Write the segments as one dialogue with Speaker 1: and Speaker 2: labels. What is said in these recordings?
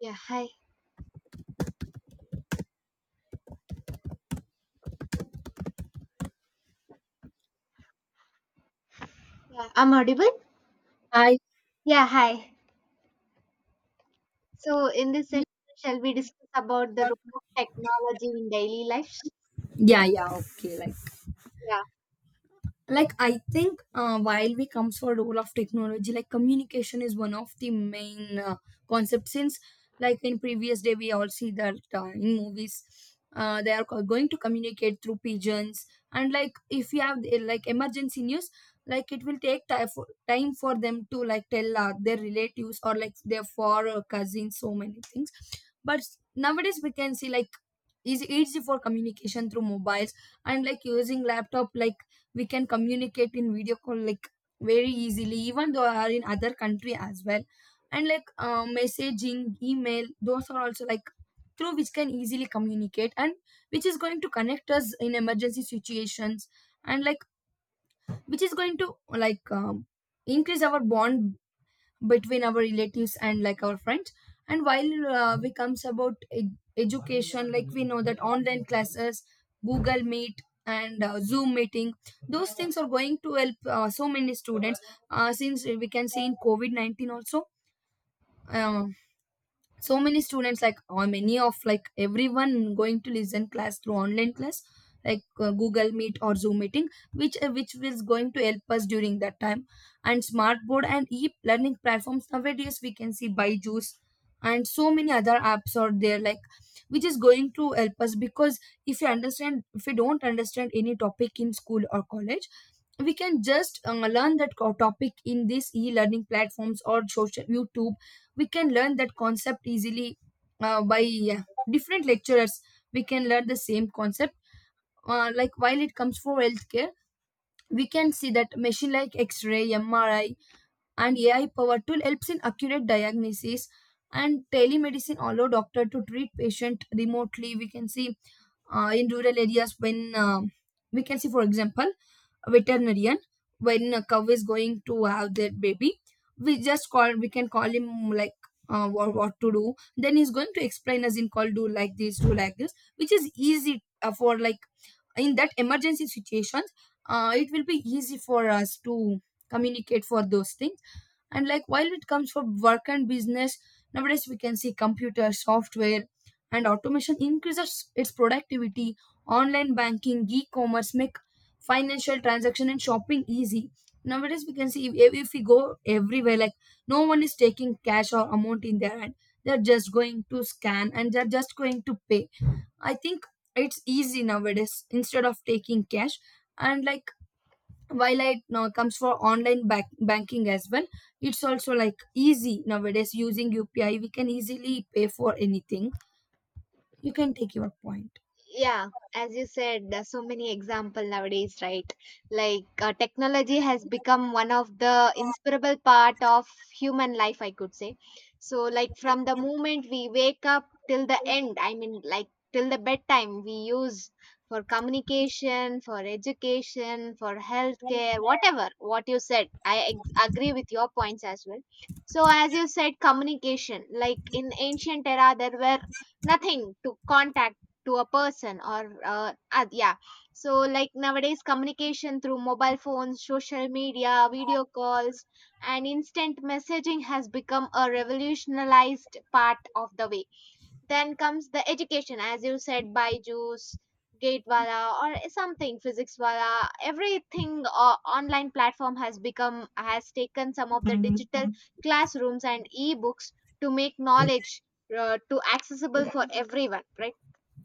Speaker 1: Yeah, hi. Yeah, I'm audible.
Speaker 2: I
Speaker 1: Yeah, hi. So in this session, shall we discuss about the role of technology in daily life?
Speaker 2: Yeah, yeah, okay, like
Speaker 1: Yeah.
Speaker 2: like I think, while we comes for role of technology, like communication is one of the main concepts. Since like in previous day we all see that, in movies, they are going to communicate through pigeons. And like if you have, like emergency news, like it will take time for them to like tell, their relatives or like their four, cousins, so many things. But nowadays we can see like is easy for communication through mobiles, and like using laptop, like we can communicate in video call, like very easily even though are in other country as well. And like messaging, email, those are also like through which can easily communicate, and which is going to connect us in emergency situations. And like which is going to like, increase our bond between our relatives and like our friends. And while we comes about education, like we know that online classes, Google Meet, and Zoom meeting, those things are going to help so many students, since we can see in covid-19 also. uh, so many students like, or many of like everyone going to listen class through online class, like Google Meet or Zoom meeting, which is going to help us during that time. And smart board and e-learning platforms, nowadays we can see Byju's and so many other apps are there, like which is going to help us. Because if you understand, if you don't understand any topic in school or college, we can just learn that topic in these e-learning platforms or social YouTube. We can learn that concept easily, by uh, different lecturers we can learn the same concept. Like while it comes for healthcare, we can see that machine like x-ray, MRI, and AI power tool helps in accurate diagnosis, and telemedicine allow doctor to treat patient remotely. We can see, in rural areas when we can see for example veterinarian, when a cow is going to have their baby, we can call him, like what to do. Then he's going to explain us in call, do like this, do like this, which is easy, for like in that emergency situations. It will be easy for us to communicate for those things. And like while it comes for work and business, nowadays we can see computer software, and automation increases its productivity. Online banking, e-commerce make financial transaction and shopping easy. Nowadays we can see if we go everywhere, like no one is taking cash or amount in their hand, they're just going to scan and they're just going to pay. I think it's easy nowadays instead of taking cash. And like while it now comes for banking as well, it's also like easy. Nowadays, using UPI, we can easily pay for anything. You can take your point.
Speaker 1: Yeah, as you said, there's so many example nowadays, right? Like technology has become one of the inseparable part of human life, I could say. So like from the moment we wake up till the end, I mean, like till the bedtime, we use for communication, for education, for healthcare, whatever what you said. I agree with your points as well. So as you said, communication, like in ancient era, there were nothing to contact to a person or yeah. So like nowadays communication through mobile phones, social media, video calls and instant messaging has become a revolutionized part of the way. Then comes the education. As you said, byju's, gatewala or something, physics wala, everything. Online platform has become, has taken some of the digital classrooms and e-books to make knowledge to accessible for everyone, right?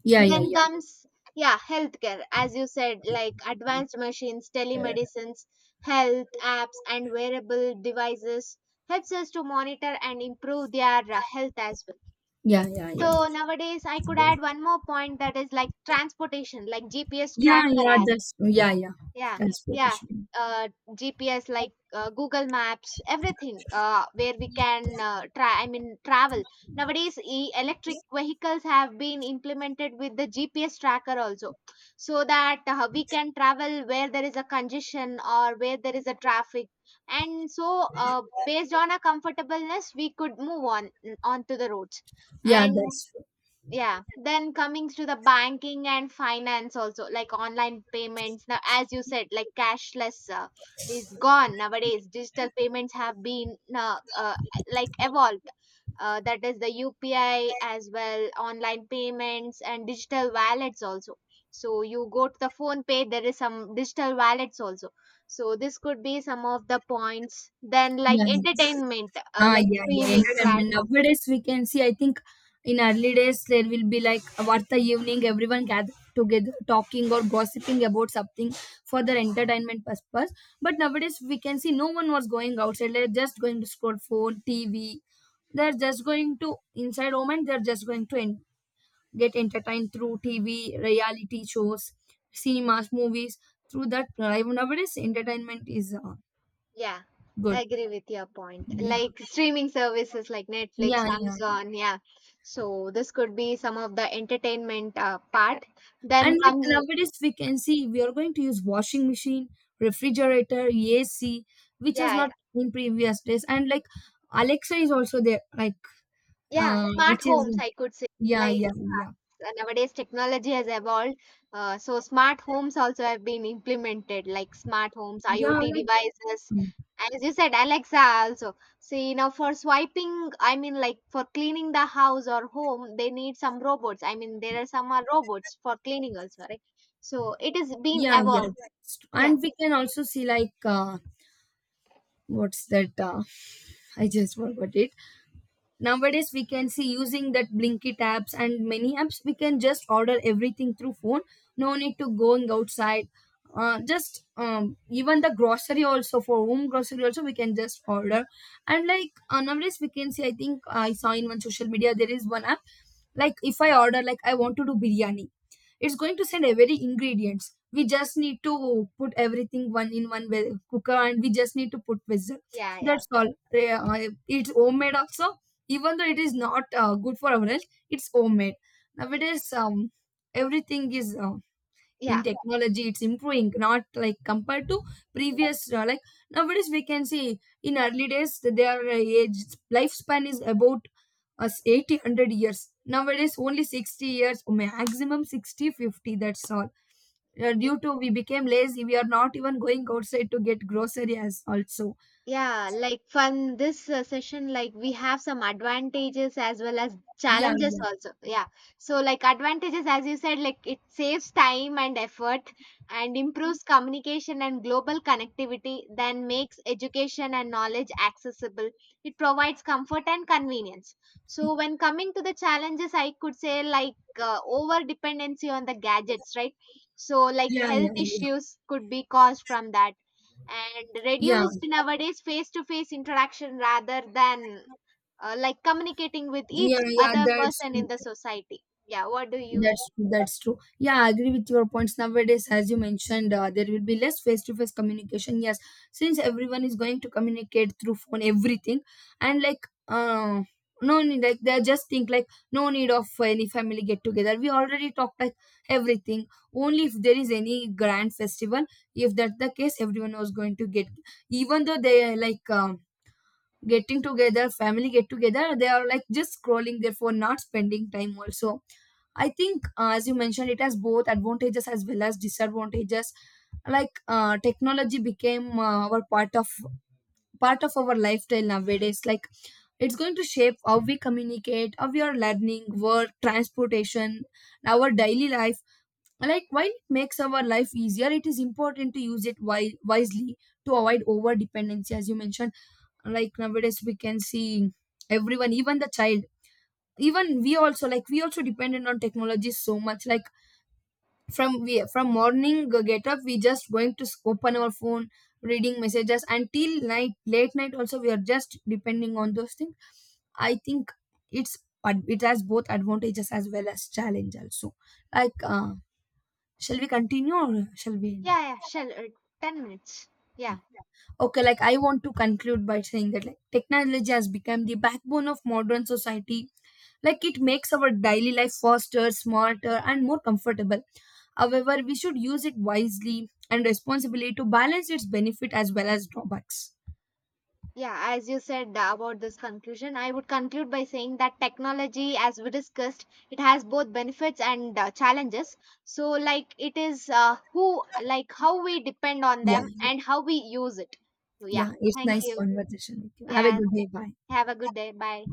Speaker 2: Yeah, yeah,
Speaker 1: Then
Speaker 2: yeah,
Speaker 1: comes, yeah, healthcare, as you said, like advanced machines, telemedicines, health apps, and wearable devices helps us to monitor and improve their health as well.
Speaker 2: yeah, yeah, yeah,
Speaker 1: So nowadays, I could add one more point, that is like transportation, like GPS tracker
Speaker 2: yeah, yeah,
Speaker 1: apps.
Speaker 2: that's yeah, yeah,
Speaker 1: Yeah,
Speaker 2: that's what it
Speaker 1: yeah.
Speaker 2: should be.
Speaker 1: GPS like Google Maps, everything. Where we can try, I mean, travel nowadays. Electric vehicles have been implemented with the GPS tracker also, so that we can travel where there is a congestion or where there is a traffic. And so, based on a comfortableness, we could move on onto the roads.
Speaker 2: Yeah,
Speaker 1: And
Speaker 2: that's true.
Speaker 1: yeah, then coming to the banking and finance also, like online payments now, as you said, like cashless is gone nowadays. Digital payments have been like evolved, that is the upi as well, online payments and digital wallets also. So you go to the phone pay, there is some digital wallets also. So this could be some of the points. Then like
Speaker 2: Yeah.
Speaker 1: entertainment,
Speaker 2: Ah,
Speaker 1: like
Speaker 2: yeah, yeah,
Speaker 1: streaming
Speaker 2: entertainment.
Speaker 1: platform.
Speaker 2: Nowadays, we can see, I think in early days, there will be like what the evening, everyone gather together talking or gossiping about something for their entertainment purpose. But nowadays we can see no one was going outside, they're just going to scroll phone, TV. They're just going to inside home and they're just going to get entertained through TV, reality shows, cinemas, movies. Through that, nowadays entertainment is
Speaker 1: Yeah,
Speaker 2: good.
Speaker 1: I agree with your point.
Speaker 2: Yeah,
Speaker 1: Like streaming services like Netflix,
Speaker 2: yeah, yeah.
Speaker 1: Amazon, yeah. So this could be some of the entertainment part. Then
Speaker 2: And like
Speaker 1: comes,
Speaker 2: nowadays we can see we are going to use washing machine, refrigerator, AC, which
Speaker 1: yeah,
Speaker 2: was
Speaker 1: yeah,
Speaker 2: not in previous days. And like Alexa is also there, like
Speaker 1: yeah,
Speaker 2: which
Speaker 1: smart homes,
Speaker 2: is
Speaker 1: I could say.
Speaker 2: yeah,
Speaker 1: Like
Speaker 2: yeah, yeah,
Speaker 1: nowadays technology has evolved. So smart homes also have been implemented, like smart homes,
Speaker 2: yeah,
Speaker 1: IoT
Speaker 2: like
Speaker 1: devices,
Speaker 2: mm,
Speaker 1: and as you said, Alexa also. See, now for swiping, I mean, like for cleaning the house or home, they need some robots. I mean, there are some are robots for cleaning also, right? So it is being
Speaker 2: yeah, yeah.
Speaker 1: evolved. Yeah,
Speaker 2: And we can also see like what's that? I just forgot it. Nowadays we can see using that Blinkit apps and many apps, we can just order everything through phone. No need to going outside, just even the grocery also, for home grocery also, we can just order. And like nowadays we can see, I think I saw in one social media there is one app. Like if I order, like I want to do biryani, it's going to send every ingredients, we just need to put everything one in cooker and we just need to put vessel,
Speaker 1: yeah, yeah,
Speaker 2: that's all. It's homemade also, even though it is not good for our health, it's homemade. Nowadays, everything is in
Speaker 1: yeah.
Speaker 2: technology, it's improving, not like compared to previous, like nowadays we can see, in early days that their age lifespan is about us 80, 100 years. Nowadays only 60 years maximum, 60, 50. That's all. Due to we became lazy, we are not even going outside to get grocery as also.
Speaker 1: Yeah, like from this session, like we have some advantages as well as
Speaker 2: Yeah,
Speaker 1: challenges
Speaker 2: yeah,
Speaker 1: also. Yeah. So like advantages, as you said, like it saves time and effort and improves communication and global connectivity, then makes education and knowledge accessible. It provides comfort and convenience. So when coming to the challenges, I could say, like over dependency on the gadgets, right? So like
Speaker 2: yeah, yeah,
Speaker 1: health
Speaker 2: yeah,
Speaker 1: issues could be caused from that, and
Speaker 2: yeah,
Speaker 1: reduced nowadays face to face interaction rather than like communicating with each
Speaker 2: yeah, yeah,
Speaker 1: other
Speaker 2: that's
Speaker 1: person
Speaker 2: true.
Speaker 1: in the society. Yeah, what do you
Speaker 2: That's
Speaker 1: say?
Speaker 2: that's true. Yeah, I agree with your points. Nowadays, as you mentioned, there will be less face-to-face communication. Yes, since everyone is going to communicate through phone, everything. And like, uh, no need, like they just think like no need of any family get together. We already talked, like everything. Only if there is any grand festival, if that's the case, everyone was going to get. Even though they are like. Getting together family get together, they are like just scrolling their phone, not spending time also. I think, as you mentioned, it has both advantages as well as disadvantages. Like technology became our part of our lifestyle nowadays. Like it's going to shape how we communicate, how we are learning, work, transportation, our daily life. Like while it makes our life easier, it is important to use it wisely to avoid over dependency, as you mentioned. Like nowadays we can see everyone, even the child, even we also, like we also dependent on technology so much. Like from we from morning get up, we just going to open our phone reading messages until night, late night also, we are just depending on those things. I think it's it has both advantages as well as challenge also. Like shall we continue or shall we end?
Speaker 1: Yeah, yeah, shall 10 minutes. Yeah.
Speaker 2: Yeah. Okay, like I want to conclude by saying that like technology has become the backbone of modern society. Like it makes our daily life faster, smarter, and more comfortable. However, we should use it wisely and responsibly to balance its benefit as well as drawbacks.
Speaker 1: Yeah, as you said about this conclusion, I would conclude by saying that technology, as we discussed, it has both benefits and challenges. So, like, it is who, like, how we depend on
Speaker 2: Yeah,
Speaker 1: them and how we use it. So, yeah,
Speaker 2: yeah, it's
Speaker 1: thank
Speaker 2: nice
Speaker 1: you.
Speaker 2: conversation with you. Have a
Speaker 1: Yeah,
Speaker 2: good day. Bye.
Speaker 1: have a good day. Bye.